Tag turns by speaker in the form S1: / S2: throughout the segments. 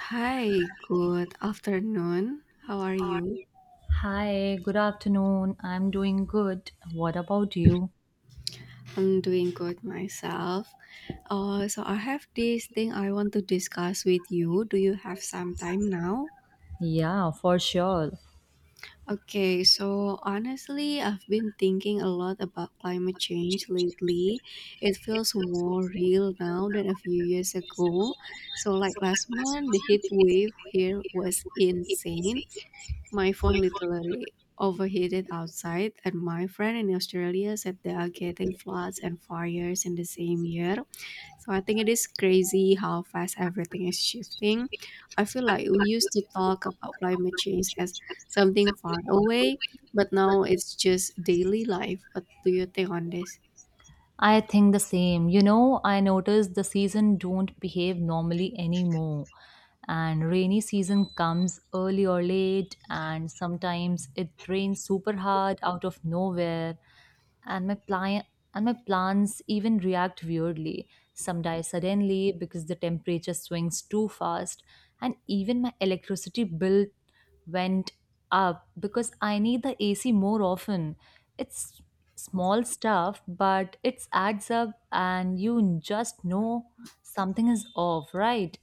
S1: Hi, good afternoon. How are you?
S2: Hi, good afternoon. I'm doing good. What about you?
S1: I'm doing good myself. So I have this thing I want to discuss with you. Do you have some time now?
S2: Yeah, for sure.
S1: Okay, so honestly, I've been thinking a lot about climate change lately. It feels more real now than a few years ago. So, like last month, the heat wave here was insane. My phone literally overheated outside, and my friend in Australia said they are getting floods and fires in the same year. So I think it is crazy how fast everything is shifting. I feel like we used to talk about climate change as something far away, but now it's just daily life. What do you think on this?
S2: I think the same. You know, I noticed the season don't behave normally anymore. And rainy season comes early or late, and sometimes it rains super hard out of nowhere, and my plants even react weirdly. Some die suddenly because the temperature swings too fast, and even my electricity bill went up because I need the AC more often. It's small stuff, but it adds up and you just know something is off, right?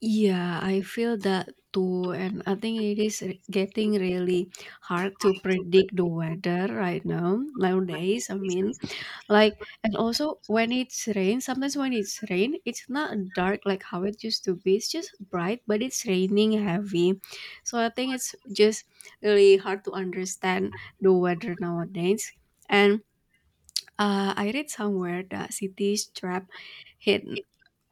S1: Yeah, I feel that too, and I think getting really hard to predict the weather right now nowadays. Like and also when it's rain, sometimes when it's rain, it's not dark like how it used to be. It's just bright, but it's raining heavy. So I think it's just really hard to understand the weather nowadays. And I read somewhere that cities trap heat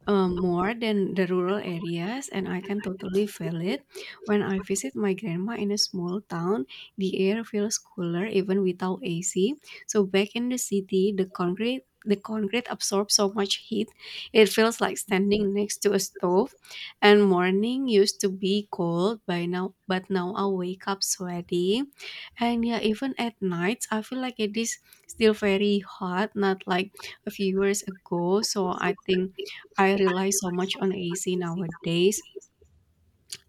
S1: more than the rural areas, and I can totally feel it. When I visit my grandma in a small town, the air feels cooler even without AC. So back in the city, the concrete absorbs so much heat. It feels like standing next to a stove, and morning used to be cold by now, but now I wake up sweaty. And yeah, even at nights I feel like it is still very hot, not like a few years ago. So I think I rely so much on AC nowadays.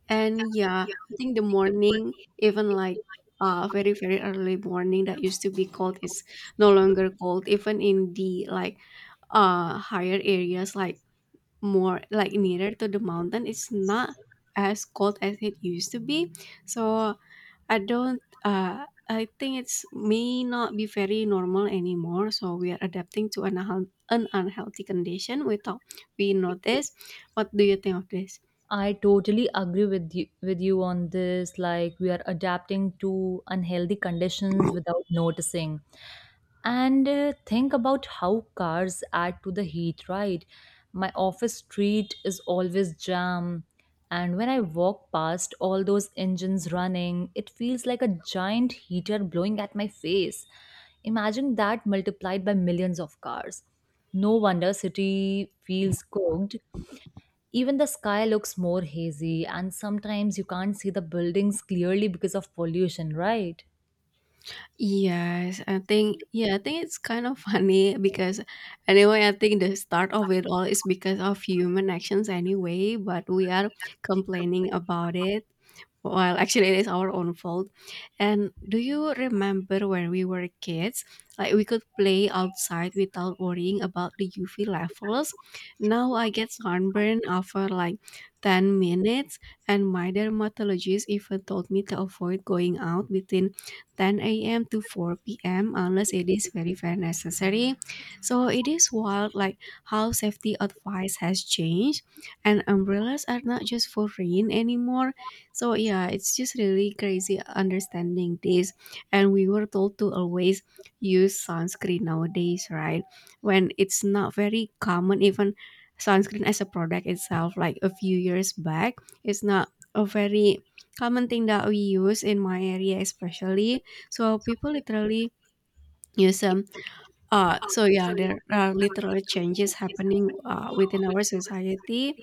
S1: And yeah, I think the morning, even like very, very early morning that used to be cold is no longer cold, even in the higher areas, like more like nearer to the mountain, it's not as cold as it used to be. So I think it's may not be very normal anymore. So we are adapting to an unhealthy condition without we notice. What do you think of this?
S2: I totally agree with you on this. Like, we are adapting to unhealthy conditions without noticing. And think about how cars add to the heat, right? My office street is always jam, and when I walk past all those engines running, it feels like a giant heater blowing at my face. Imagine that multiplied by millions of cars. No wonder city feels cooked. Even the sky looks more hazy, and sometimes you can't see the buildings clearly because of pollution, right?
S1: I think it's kind of funny because anyway, I think the start of it all is because of human actions anyway, but we are complaining about it. Well, actually, it is our own fault. And do you remember when we were kids? Like, we could play outside without worrying about the UV levels. Now I get sunburn after like 10 minutes, and my dermatologist even told me to avoid going out within 10 a.m. to 4 p.m. unless it is very, very necessary. So it is wild like how safety advice has changed, and umbrellas are not just for rain anymore. So yeah, it's just really crazy understanding this. And we were told to always use sunscreen nowadays, right? When it's not very common, even sunscreen as a product itself, like a few years back, it's not a very common thing that we use in my area especially, so people literally use them. So yeah, there are literally changes happening within our society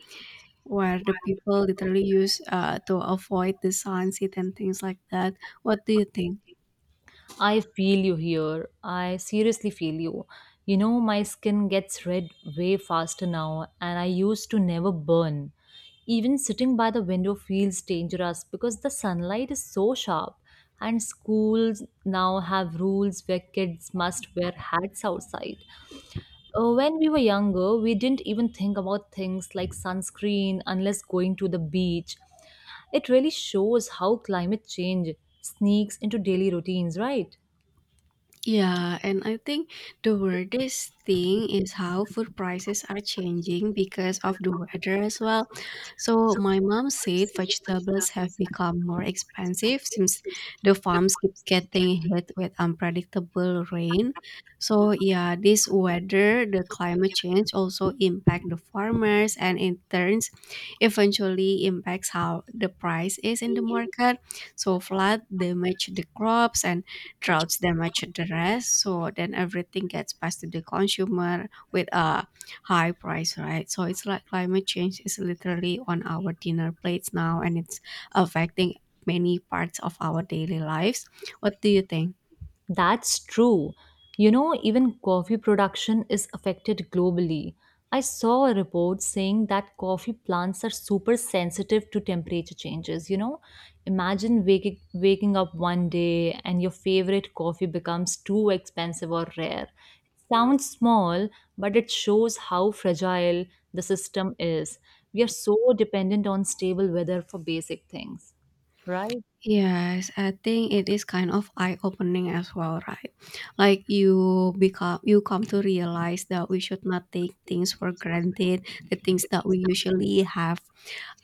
S1: where the people literally use to avoid the sunset and things like that. What do you think?
S2: I feel you here. I seriously feel you. You know, my skin gets red way faster now, and I used to never burn. Even sitting by the window feels dangerous because the sunlight is so sharp, and schools now have rules where kids must wear hats outside. When we were younger, we didn't even think about things like sunscreen unless going to the beach. It really shows how climate change sneaks into daily routines, right?
S1: Yeah, and I think the weirdest thing is how food prices are changing because of the weather as well. So my mom said vegetables have become more expensive since the farms keep getting hit with unpredictable rain. So yeah, this weather, the climate change also impact the farmers and in turns eventually impacts how the price is in the market. So flood damage the crops and droughts damage the rest, so then everything gets passed to the consumer with a high price, right? So it's like climate change is literally on our dinner plates now, and it's affecting many parts of our daily lives. What do you think?
S2: That's true. You know, even coffee production is affected globally. I saw a report saying that coffee plants are super sensitive to temperature changes. You know, imagine waking up one day and your favorite coffee becomes too expensive or rare. It sounds small, but it shows how fragile the system is. We are so dependent on stable weather for basic things, right?
S1: Yes, I think it is kind of eye-opening as well, right? Like you come to realize that we should not take things for granted, the things that we usually have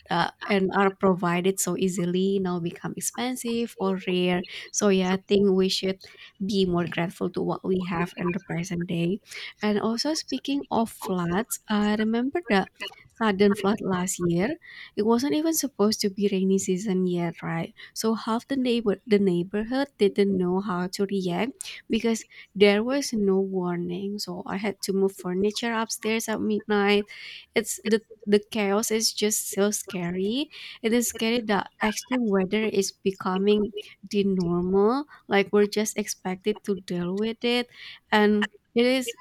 S1: and are provided so easily now become expensive or rare. So yeah, I think we should be more grateful to what we have in the present day. And also speaking of floods, I remember the sudden flood last year. It wasn't even supposed to be rainy season yet, right? So half the neighborhood didn't know how to react because there was no warning. So I had to move furniture upstairs at midnight. It's The chaos is just so scary. It is scary that extreme weather is becoming the normal. Like we're just expected to deal with it, and it is.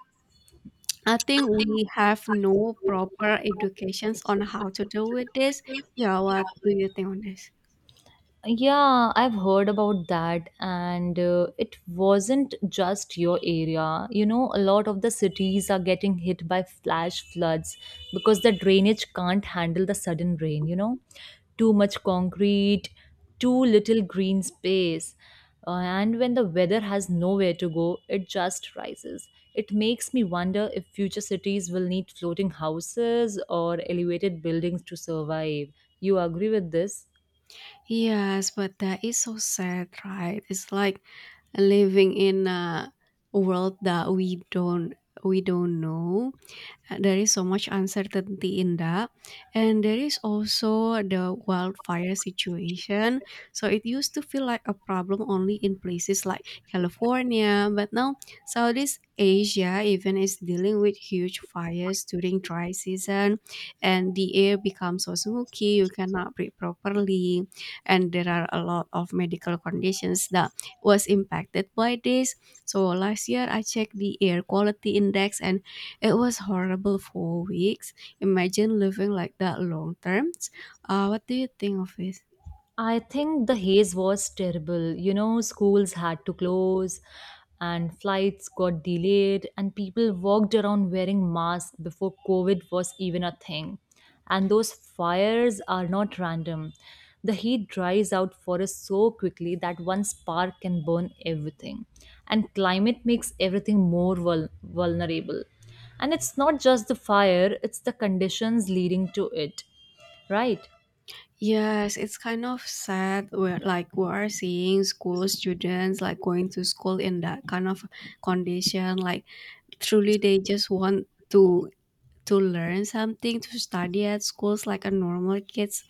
S1: I think we have no proper educations on how to deal with this. Yeah, what do you think on this?
S2: Yeah, I've heard about that, and it wasn't just your area. You know, a lot of the cities are getting hit by flash floods because the drainage can't handle the sudden rain, you know, too much concrete, too little green space. And when the weather has nowhere to go, it just rises. It makes me wonder if future cities will need floating houses or elevated buildings to survive. You agree with this?
S1: Yes, but that is so sad, right? It's like living in a world that we don't know. There is so much uncertainty in that. And there is also the wildfire situation. So it used to feel like a problem only in places like California, but now Southeast Asia even is dealing with huge fires during dry season, and the air becomes so smoky you cannot breathe properly, and there are a lot of medical conditions that was impacted by this. So last year I checked the air quality index, and it was horrible for weeks. Imagine living like that long terms. What do you think of it?
S2: I think the haze was terrible. You know, schools had to close and flights got delayed, and people walked around wearing masks before COVID was even a thing. And those fires are not random. The heat dries out forests so quickly that one spark can burn everything. And climate makes everything more vulnerable. And it's not just the fire, it's the conditions leading to it, right?
S1: Yes, it's kind of sad. We are seeing school students like going to school in that kind of condition. Like truly, they just want to learn something, to study at schools like a normal kids,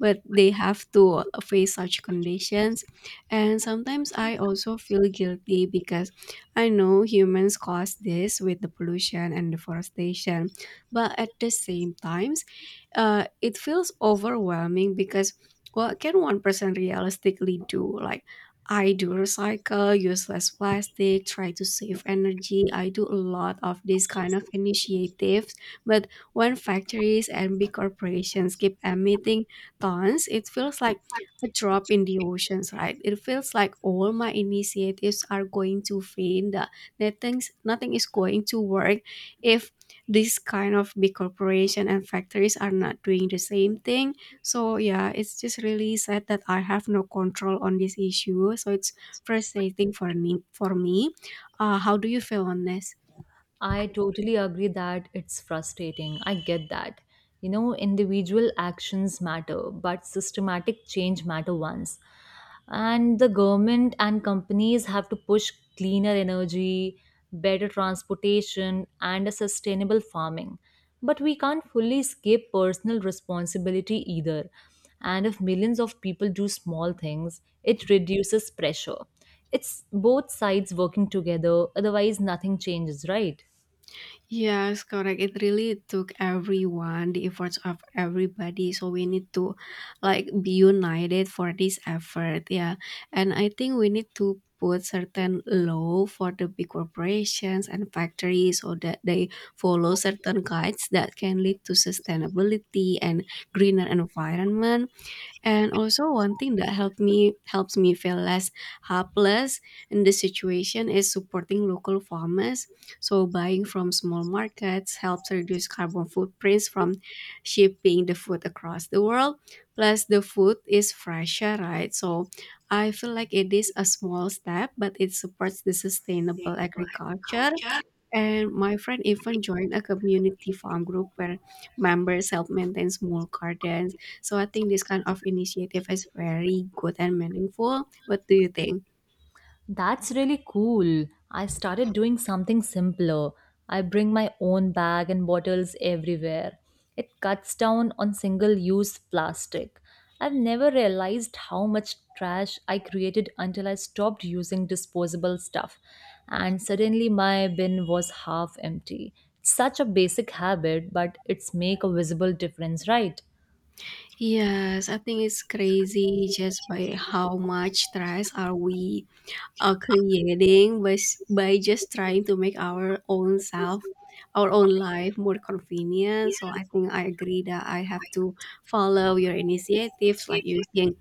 S1: but they have to face such conditions. And sometimes I also feel guilty because I know humans cause this with the pollution and deforestation, but at the same times, it feels overwhelming because what can one person realistically do? Like I do recycle, use less plastic, try to save energy. I do a lot of these kind of initiatives, but when factories and big corporations keep emitting tons, it feels like a drop in the oceans, right? It feels like all my initiatives are going to vain. That nothing, nothing is going to work if this kind of big corporation and factories are not doing the same thing. So yeah, it's just really sad that I have no control on this issue. So it's frustrating for me. How do you feel on this?
S2: I totally agree that it's frustrating. I get that. You know, individual actions matter, but systematic change matter once. And the government and companies have to push cleaner energy, better transportation, and a sustainable farming. But we can't fully escape personal responsibility either. And if millions of people do small things, it reduces pressure. It's both sides working together, otherwise, nothing changes, right?
S1: Yes, correct. It really took everyone, the efforts of everybody. So we need to like be united for this effort. Yeah. And I think we need to put certain law for the big corporations and factories so that they follow certain guides that can lead to sustainability and greener environment. And also, one thing that helped me helps me feel less helpless in this situation is supporting local farmers. So buying from small markets helps reduce carbon footprints from shipping the food across the world. Plus the food is fresher, right? So I feel like it is a small step, but it supports the sustainable agriculture. And my friend even joined a community farm group where members help maintain small gardens. So I think this kind of initiative is very good and meaningful. What do you think?
S2: That's really cool. I started doing something simpler. I bring my own bag and bottles everywhere. It cuts down on single use plastic. I've never realized how much trash I created until I stopped using disposable stuff, and suddenly my bin was half empty. Such a basic habit, but it's make a visible difference, right?
S1: Yes, I think it's crazy just by how much stress are we creating by, by just trying to make our own life more convenient. So I think I agree that I have to follow your initiatives, like using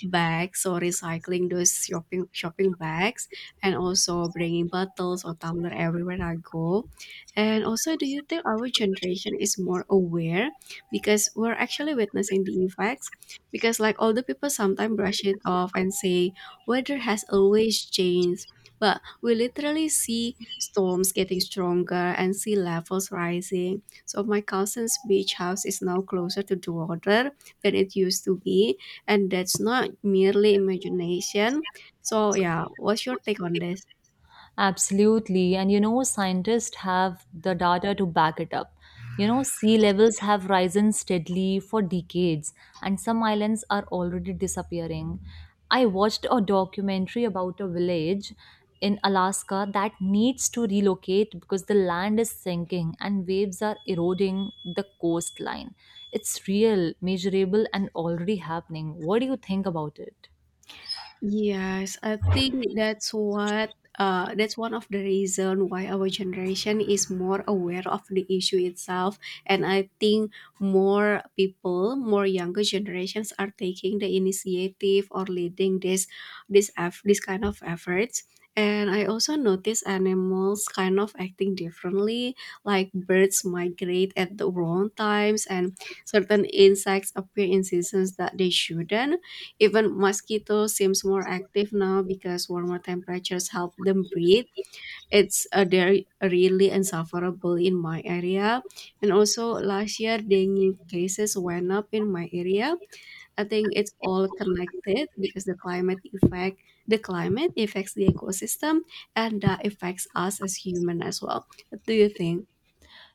S1: bags or recycling those shopping bags, and also bringing bottles or tumbler everywhere I go. And also, do you think our generation is more aware because we're actually witnessing the effects? Because like older people sometimes brush it off and say weather has always changed, but we literally see storms getting stronger and sea levels rising. So my cousin's beach house is now closer to the water than it used to be, and that's not merely imagination. So yeah, what's your take on this?
S2: Absolutely. And you know, scientists have the data to back it up. You know, sea levels have risen steadily for decades, and some islands are already disappearing. I watched a documentary about a village in Alaska that needs to relocate because the land is sinking and waves are eroding the coastline. It's real, measurable, and already happening. What do you think about it?
S1: Yes, I think that's one of the reason why our generation is more aware of the issue itself. And I think more people, more younger generations are taking the initiative or leading this kind of efforts. And I also notice animals kind of acting differently, like birds migrate at the wrong times, and certain insects appear in seasons that they shouldn't. Even mosquitoes seems more active now because warmer temperatures help them breathe. It's They're really insufferable in my area. And also last year dengue cases went up in my area. I think it's all connected because the climate affects the ecosystem, and that affects us as human as well. What do you think?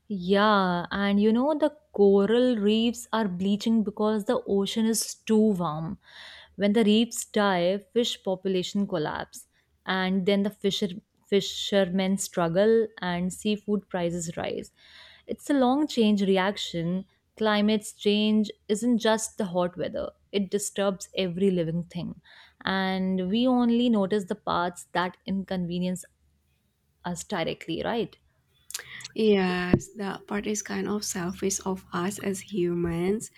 S2: Yeah, and you know, the coral reefs are bleaching because the ocean is too warm. When the reefs die, fish population collapse, and then the fishermen struggle and seafood prices rise. It's a long change reaction. Climate's change isn't just the hot weather. It disturbs every living thing. And we only notice the parts that inconvenience us directly, right?
S1: Yes, that part is kind of selfish of us as humans.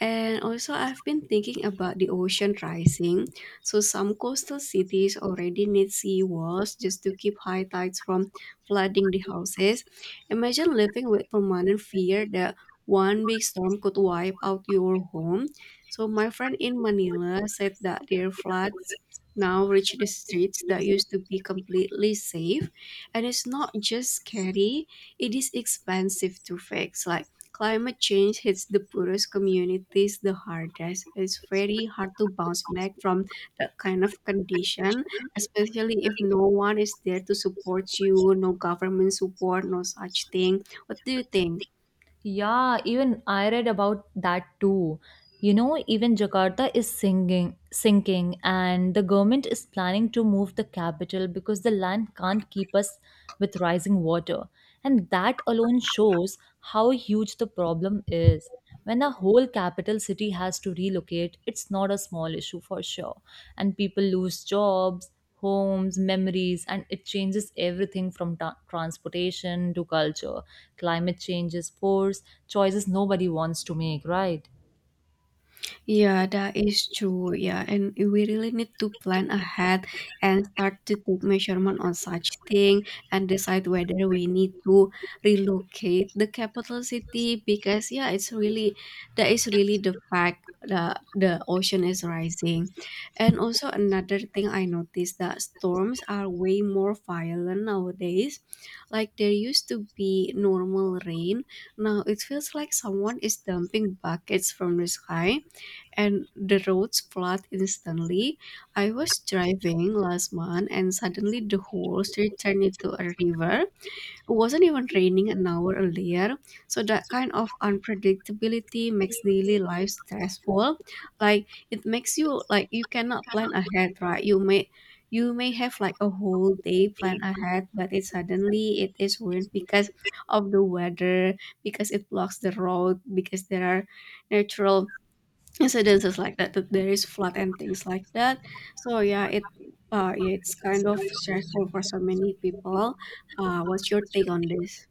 S1: And also, I've been thinking about the ocean rising. So some coastal cities already need sea walls just to keep high tides from flooding the houses. Imagine living with permanent fear that one big storm could wipe out your home. So my friend in Manila said that their floods now reach the streets that used to be completely safe. And it's not just scary, it is expensive to fix. Like, climate change hits the poorest communities the hardest. It's very hard to bounce back from that kind of condition, especially if no one is there to support you, no government support, no such thing. What do you think?
S2: Yeah, even I read about that too. You know, even Jakarta is sinking, and the government is planning to move the capital because the land can't keep us with rising water. And that alone shows how huge the problem is. When a whole capital city has to relocate, it's not a small issue for sure. And people lose jobs, homes, memories, and it changes everything from transportation to culture. Climate change is force, choices nobody wants to make, right?
S1: Yeah, that is true. Yeah, and we really need to plan ahead and start to take measurement on such thing and decide whether we need to relocate the capital city because yeah, it's really that is really the fact that the ocean is rising. And also another thing I noticed that storms are way more violent nowadays. Like there used to be normal rain. Now it feels like someone is dumping buckets from the sky and the roads flood instantly. I was driving last month and suddenly the whole street turned into a river. It wasn't even raining an hour earlier. So that kind of unpredictability makes daily life stressful. Like, it makes you, like, you cannot plan ahead, right? You may have like a whole day planned ahead, but it suddenly it is ruined because of the weather, because it blocks the road, because there are natural incidences like that, that there is flood and things like that. So yeah, it, yeah, it's kind of stressful for so many people. What's your take on this?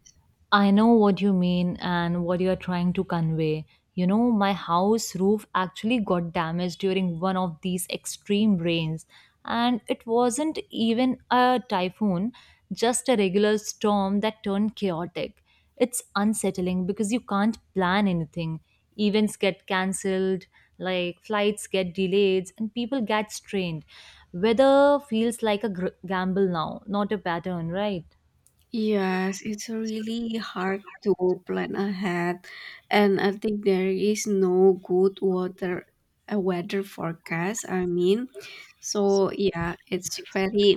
S2: I know what you mean and what you are trying to convey. You know, my house roof actually got damaged during one of these extreme rains, and it wasn't even a typhoon, just a regular storm that turned chaotic. It's unsettling because you can't plan anything. Events get cancelled, like flights get delayed, and people get strained. Weather feels like a gamble now, not a pattern, right?
S1: Yes, it's really hard to plan ahead, and I think there is no good water a weather forecast, I mean. So yeah, it's very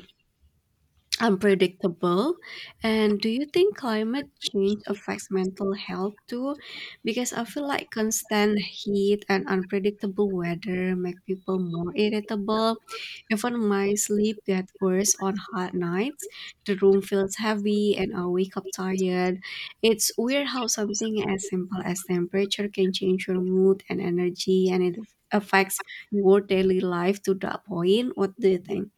S1: unpredictable. And do you think climate change affects mental health too? Because I feel like constant heat and unpredictable weather make people more irritable. Even my sleep gets worse on hot nights. The room feels heavy and I wake up tired. It's weird how something as simple as temperature can change your mood and energy, and it affects your daily life to that point. What do you think?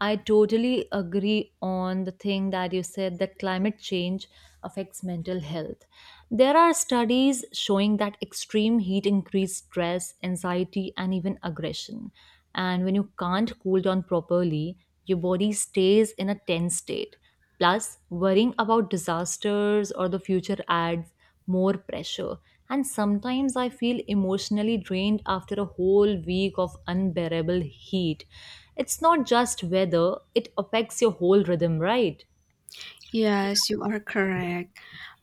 S2: I totally agree on the thing that you said that climate change affects mental health. There are studies showing that extreme heat increases stress, anxiety, and even aggression. And when you can't cool down properly, your body stays in a tense state. Plus, worrying about disasters or the future adds more pressure. And sometimes I feel emotionally drained after a whole week of unbearable heat. It's not just weather, it affects your whole rhythm, right?
S1: Yes, you are correct.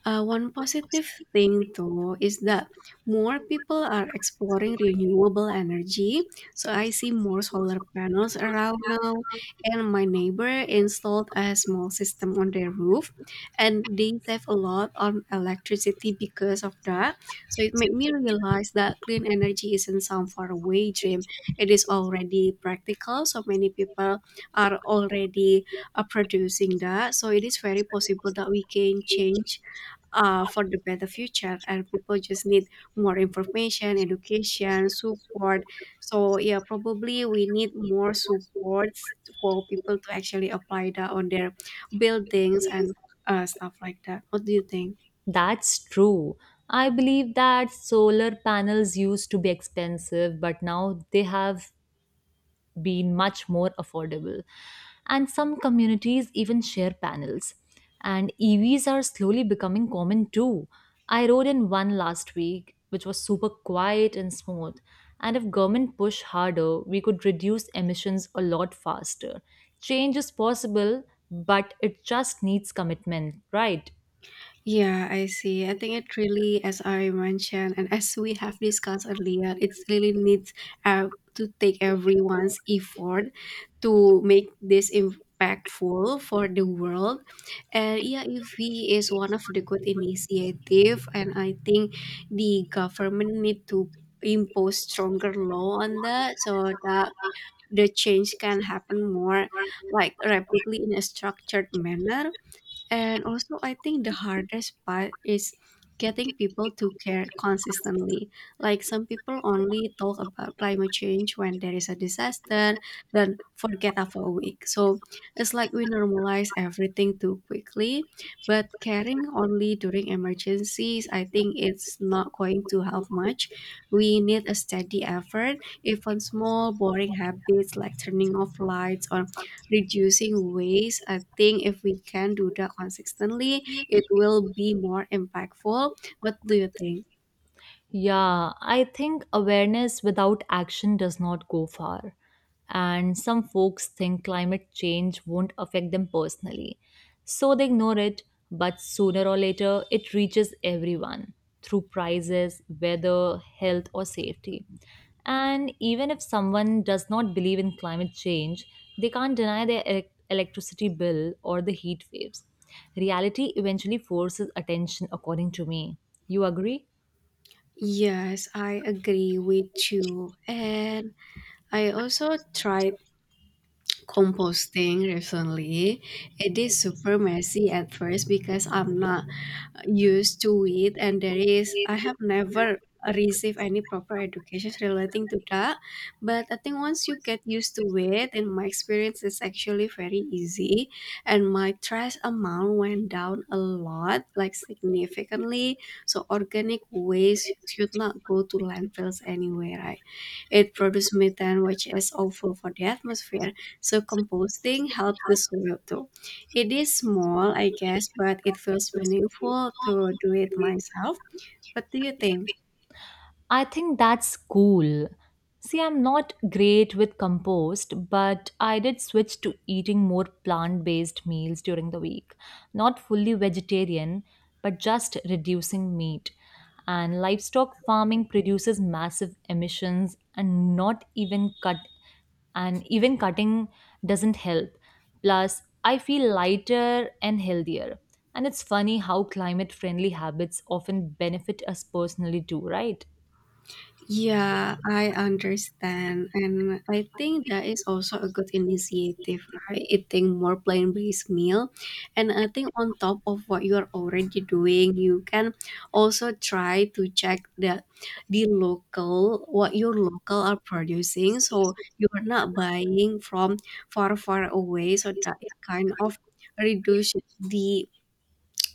S1: One positive thing, though, is that more people are exploring renewable energy. So I see more solar panels around now, and my neighbor installed a small system on their roof, and they save a lot on electricity because of that. So it made me realize that clean energy isn't some faraway dream; it is already practical. So many people are already producing that. So it is very possible that we can change, for the better future, and people just need more information, education, support. So yeah, probably we need more supports for people to actually apply that on their buildings and stuff like that. What do you think?
S2: That's true. I believe that solar panels used to be expensive, but now they have been much more affordable. And some communities even share panels. And EVs are slowly becoming common too. I rode in one last week, which was super quiet and smooth. And if government push harder, we could reduce emissions a lot faster. Change is possible, but it just needs commitment, right?
S1: Yeah, I see. I think it really, as I mentioned, and as we have discussed earlier, it really needs, to take everyone's effort to make this impactful for the world. And yeah, EIV is one of the good initiative, and I think the government need to impose stronger law on that so that the change can happen more like rapidly in a structured manner. And also, I think the hardest part is getting people to care consistently. Like, some people only talk about climate change when there is a disaster, then forget after a week. So it's like we normalize everything too quickly. But caring only during emergencies, I think it's not going to help much. We need a steady effort, even small, boring habits like turning off lights or reducing waste. I think if we can do that consistently, it will be more impactful. What do you think?
S2: Yeah, I think awareness without action does not go far. And some folks think climate change won't affect them personally. So they ignore it, but sooner or later it reaches everyone through prices, weather, health, or safety. And even if someone does not believe in climate change, they can't deny their electricity bill or the heat waves. Reality eventually forces attention, according to me. You agree?
S1: Yes, I agree with you. And I also tried composting recently. It is super messy at first because I'm not used to it, and there is, I have never received any proper education relating to that. But I think once you get used to it, in my experience, it's actually very easy, and my trash amount went down a lot, like significantly. So organic waste should not go to landfills anyway, right? It produces methane, which is awful for the atmosphere. So composting helps the soil too. It is small, I guess, but it feels meaningful to do it myself. What do you think?
S2: I think that's cool. See, I'm not great with compost, but I did switch to eating more plant based meals during the week. Not fully vegetarian, but just reducing meat. And livestock farming produces massive emissions, and even cutting doesn't help. Plus, I feel lighter and healthier. And it's funny how climate friendly habits often benefit us personally too, right?
S1: Yeah, I understand. And I think that is also a good initiative, right? Eating more plant-based meal. And I think on top of what you're already doing, you can also try to check the local, what your local are producing. So you're not buying from far, far away. So that it kind of reduce the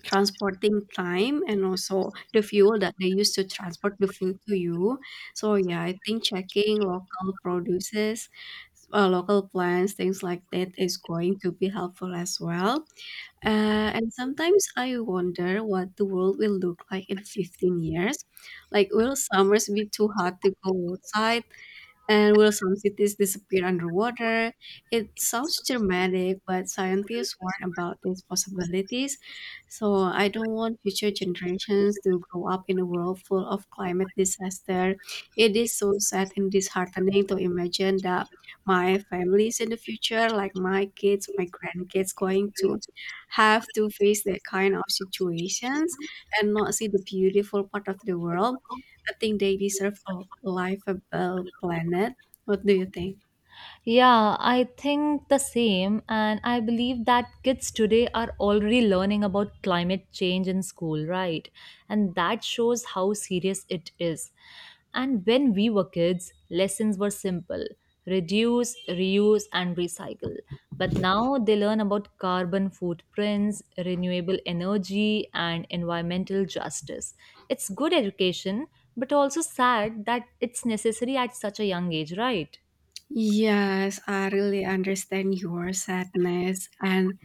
S1: transporting time and also the fuel that they use to transport the food to you. So yeah, I think checking local produces, local plants, things like that is going to be helpful as well. And sometimes I wonder what the world will look like in 15 years. Like, will summers be too hot to go outside? And will some cities disappear underwater? It sounds dramatic, but scientists warn about these possibilities. So I don't want future generations to grow up in a world full of climate disaster. It is so sad and disheartening to imagine that my families in the future, like my kids, my grandkids, going to have to face that kind of situations and not see the beautiful part of the world. I think they deserve a livable planet. What do you think?
S2: Yeah, I think the same. And I believe that kids today are already learning about climate change in school, right? And that shows how serious it is. And when we were kids, lessons were simple: reduce, reuse, and recycle. But now they learn about carbon footprints, renewable energy, and environmental justice. It's good education, but also sad that it's necessary at such a young age, right?
S1: Yes, I really understand your sadness and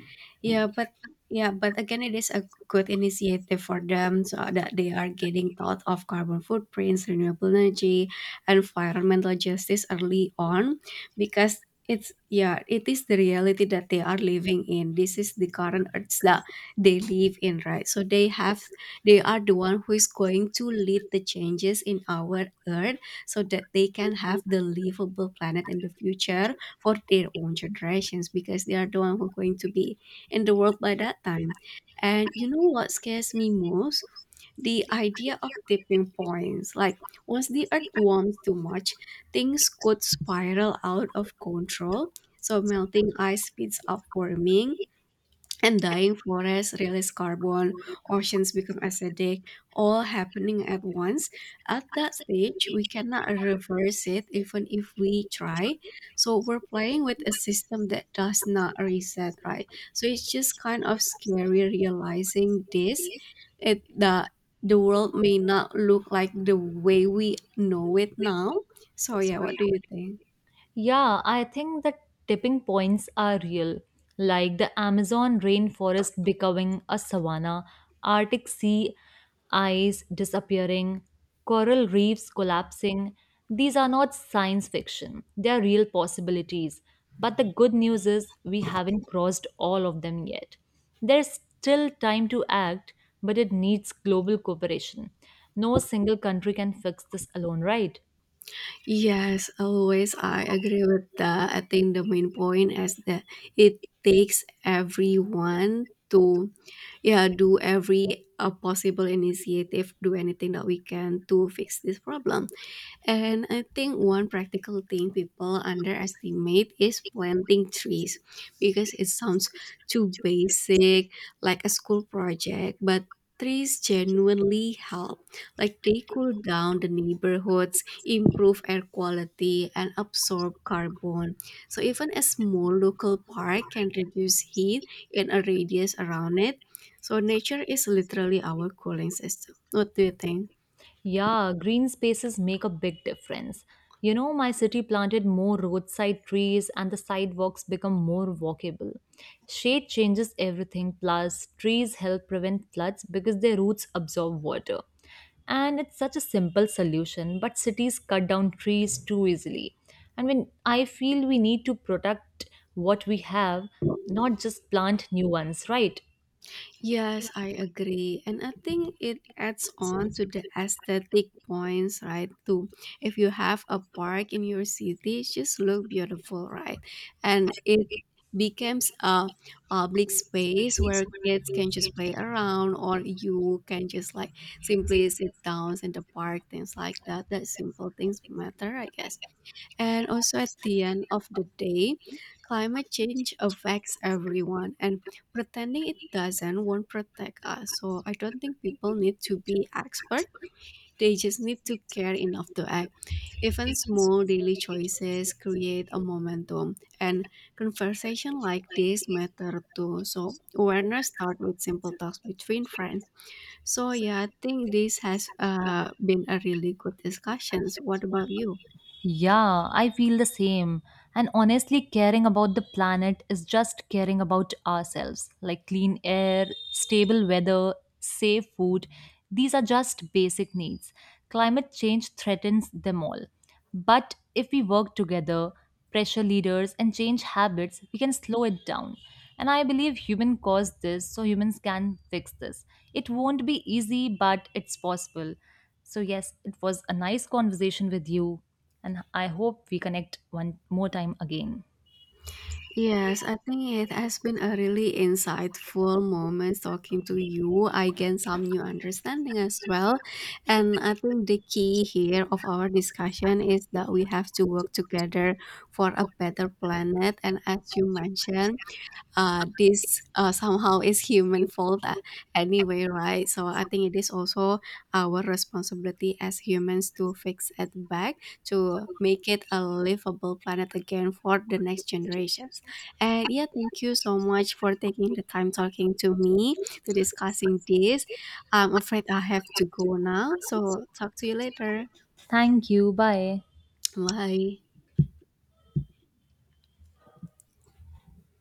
S1: yeah, but yeah, but again it is a good initiative for them so that they are getting thought of carbon footprints, renewable energy, environmental justice early on, because it's yeah, it is the reality that they are living in. This is the current earth that they live in, right? So they have, they are the one who is going to lead the changes in our earth so that they can have the livable planet in the future for their own generations, because they are the one who are going to be in the world by that time. And you know what scares me most? The idea of tipping points. Like, once the earth warms too much, things could spiral out of control. So melting ice speeds up warming and dying forests release carbon, oceans become acidic, all happening at once. At that stage, we cannot reverse it even if we try. So we're playing with a system that does not reset, right? So it's just kind of scary realizing this. It, the world may not look like the way we know it now. So yeah, what do you think?
S2: Yeah, I think the tipping points are real, like the Amazon rainforest becoming a savanna, Arctic sea ice disappearing, coral reefs collapsing. These are not science fiction, they are real possibilities. But the good news is we haven't crossed all of them yet. There's still time to act, but it needs global cooperation. No single country can fix this alone, right?
S1: Yes, always. I agree with that. I think the main point is that it takes everyone to, yeah, do every possible initiative, do anything that we can to fix this problem. And I think one practical thing people underestimate is planting trees, because it sounds too basic, like a school project, but trees genuinely help. Like, they cool down the neighborhoods, improve air quality, and absorb carbon. So even a small local park can reduce heat in a radius around it. So nature is literally our cooling system. What do you think?
S2: Yeah, green spaces make a big difference. You know, my city planted more roadside trees and the sidewalks become more walkable. Shade changes everything. Plus, trees help prevent floods because their roots absorb water. And it's such a simple solution, but cities cut down trees too easily. And when I feel we need to protect what we have, not just plant new ones, right?
S1: Yes, I agree. And I think it adds on to the aesthetic points, right? Too. If you have a park in your city, it just look beautiful, right? And it becomes a public space where kids can just play around or you can just like simply sit down in the park, things like that. That simple things matter, I guess. And also at the end of the day, climate change affects everyone, and pretending it doesn't won't protect us. So I don't think people need to be expert. They just need to care enough to act. Even small daily choices create a momentum, and conversation like this matter too. So awareness start with simple talks between friends. So yeah, I think this has, been a really good discussions. What about you?
S2: Yeah, I feel the same. And honestly, caring about the planet is just caring about ourselves. Like clean air, stable weather, safe food. These are just basic needs. Climate change threatens them all. But if we work together, pressure leaders, and change habits, we can slow it down. And I believe human caused this, so humans can fix this. It won't be easy, but it's possible. So, yes, it was a nice conversation with you. And I hope we connect one more time again.
S1: Yes, I think it has been a really insightful moment talking to you. I gained some new understanding as well. And I think the key here of our discussion is that we have to work together for a better planet. And as you mentioned, this, somehow is human fault, anyway, right? So I think it is also our responsibility as humans to fix it back to make it a livable planet again for the next generations. And yeah, thank you so much for taking the time talking to me to discussing this. I'm afraid I have to go now, so talk to you later.
S2: Thank you. Bye.
S1: Bye.